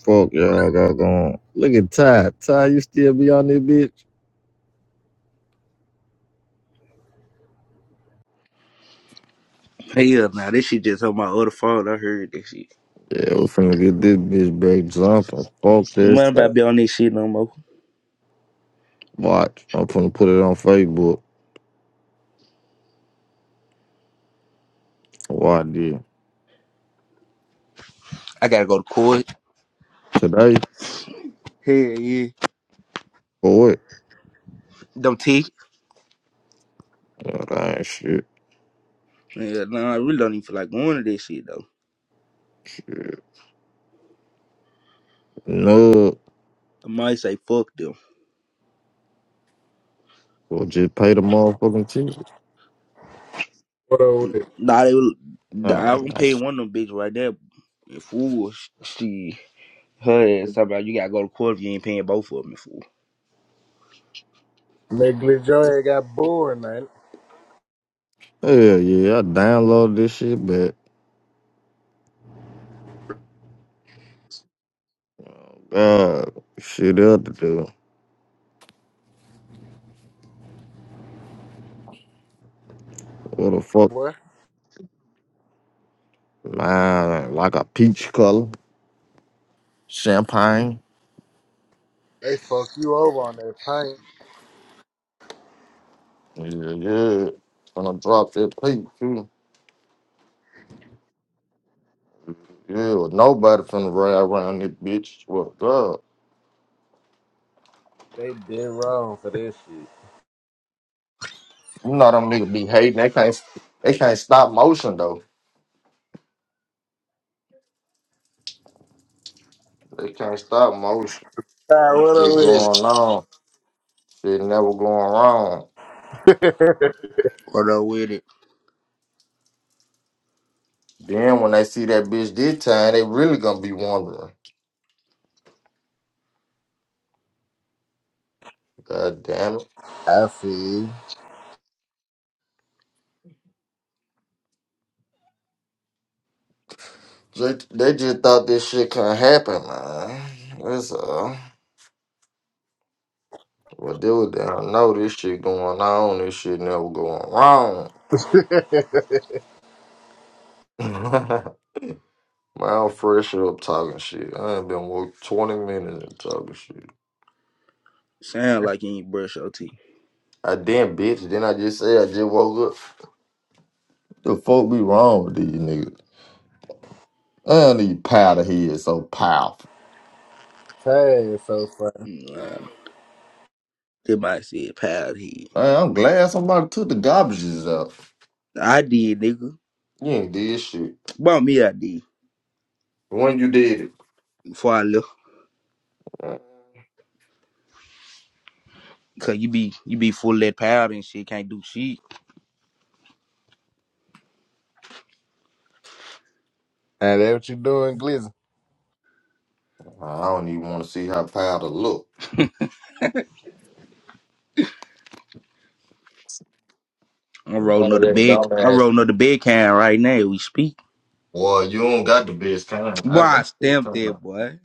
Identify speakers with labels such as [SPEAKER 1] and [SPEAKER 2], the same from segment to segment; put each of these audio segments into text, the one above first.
[SPEAKER 1] Fuck y'all got going. Look at Ty. Ty, you still be on this bitch?
[SPEAKER 2] Pay up now. This shit just on my other phone. I heard this shit.
[SPEAKER 1] Yeah, we finna get this bitch back jumping. Fuck
[SPEAKER 2] Man,
[SPEAKER 1] this.
[SPEAKER 2] about be on this shit no more.
[SPEAKER 1] Watch. I'm finna put it on Facebook. Why did
[SPEAKER 2] I gotta go to court.
[SPEAKER 1] today?
[SPEAKER 2] Hell yeah.
[SPEAKER 1] For what?
[SPEAKER 2] Don't teach.
[SPEAKER 1] Oh, that ain't shit.
[SPEAKER 2] Yeah, nah, I really don't even feel like going to this shit though.
[SPEAKER 1] shit. No.
[SPEAKER 2] I might say fuck them.
[SPEAKER 1] Well, just pay the motherfucking ticket.
[SPEAKER 3] What up with it?
[SPEAKER 2] Nah, they will.
[SPEAKER 1] Nah,
[SPEAKER 2] I don't
[SPEAKER 1] nah.
[SPEAKER 2] pay
[SPEAKER 1] sh-
[SPEAKER 2] one of them bitches right there. fool, she her ass talking about you gotta go to court if you ain't paying both of them. Fool.
[SPEAKER 3] Nigga, Joy got bored, man.
[SPEAKER 1] Hell yeah, I downloaded this shit, but uh, shit else to do. What the fuck?
[SPEAKER 3] Boy,
[SPEAKER 1] Man, like a peach color, champagne.
[SPEAKER 3] they fucked you over on that paint.
[SPEAKER 1] Yeah, yeah. Gonna drop that plate too. Yeah, well, nobody finna run around this bitch. Well, God,
[SPEAKER 3] They did wrong for this shit.
[SPEAKER 1] you know them niggas be hating. They can't, they can't stop motion though. They can't stop motion.
[SPEAKER 3] Nah, what up
[SPEAKER 1] Shit
[SPEAKER 3] with
[SPEAKER 1] going on. Shit never going wrong.
[SPEAKER 3] it?
[SPEAKER 2] What up with it?
[SPEAKER 1] Then when they see that bitch this time, they really gonna be wondering. God damn it.
[SPEAKER 3] I see.
[SPEAKER 1] They, they just thought this shit couldn't happen, man. That's all. Well, dude, they don't know this shit going on. This shit never going wrong. Man, I'm fresh up talking shit. I ain't been woke 20 minutes and talking shit.
[SPEAKER 2] Sound like you ain't brush your teeth.
[SPEAKER 1] I damn bitch. Then I just say I just woke up. The fuck be wrong with these niggas? And need powder heads so powerful.
[SPEAKER 3] Hey, it's so funny.
[SPEAKER 2] Nah, they might say pal here.
[SPEAKER 1] Man, I'm glad somebody took the garbages out.
[SPEAKER 2] I did, nigga.
[SPEAKER 1] You ain't did shit.
[SPEAKER 2] Bought me, I did.
[SPEAKER 1] When you did it,
[SPEAKER 2] Before I left.
[SPEAKER 1] man,
[SPEAKER 2] Cause you be you be full of that powder and shit, can't do shit.
[SPEAKER 3] And that what you doing, Glizzy?
[SPEAKER 1] I don't even want to see how powder look.
[SPEAKER 2] I'm
[SPEAKER 1] One
[SPEAKER 2] rolling
[SPEAKER 1] of
[SPEAKER 2] up the
[SPEAKER 1] them
[SPEAKER 2] bed I'm
[SPEAKER 1] dumbass.
[SPEAKER 2] rolling up the bed can right now, we speak.
[SPEAKER 1] Well, you don't got the best kind.
[SPEAKER 2] Boy,
[SPEAKER 1] I got
[SPEAKER 2] I
[SPEAKER 1] the best
[SPEAKER 2] stamped
[SPEAKER 1] kind.
[SPEAKER 2] there,
[SPEAKER 1] I'm
[SPEAKER 2] boy.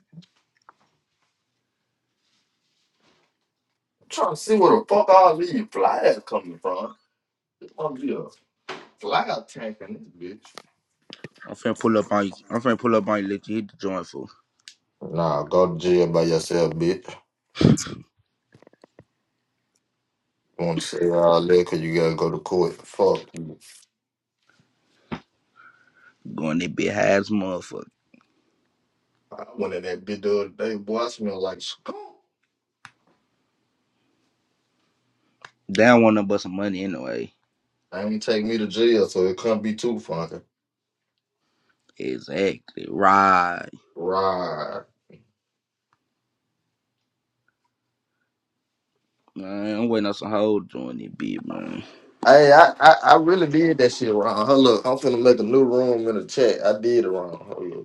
[SPEAKER 1] trying to see where the fuck all these flies coming from. Fuck yeah. Cloud tanking this
[SPEAKER 2] I'm finna pull up on you. I'm finna pull up on you, let you hit the joint for
[SPEAKER 1] Nah, go to jail by yourself, bitch. Won't say all that 'cause you gotta go to court. Fuck you.
[SPEAKER 2] going that big high as a motherfucker.
[SPEAKER 1] I went in that bitch the other day, boy, I smell like skunk.
[SPEAKER 2] They don't want nothing but some money anyway.
[SPEAKER 1] They ain't take me to jail, so it couldn't be too funky.
[SPEAKER 2] Exactly. Right.
[SPEAKER 1] Right.
[SPEAKER 2] Man, I'm waiting on some hoes doing that bitch, man.
[SPEAKER 1] Hey, I, I, I really did that shit wrong. Hold up, I'm finna make a new room in the chat. I did it wrong. Hold up.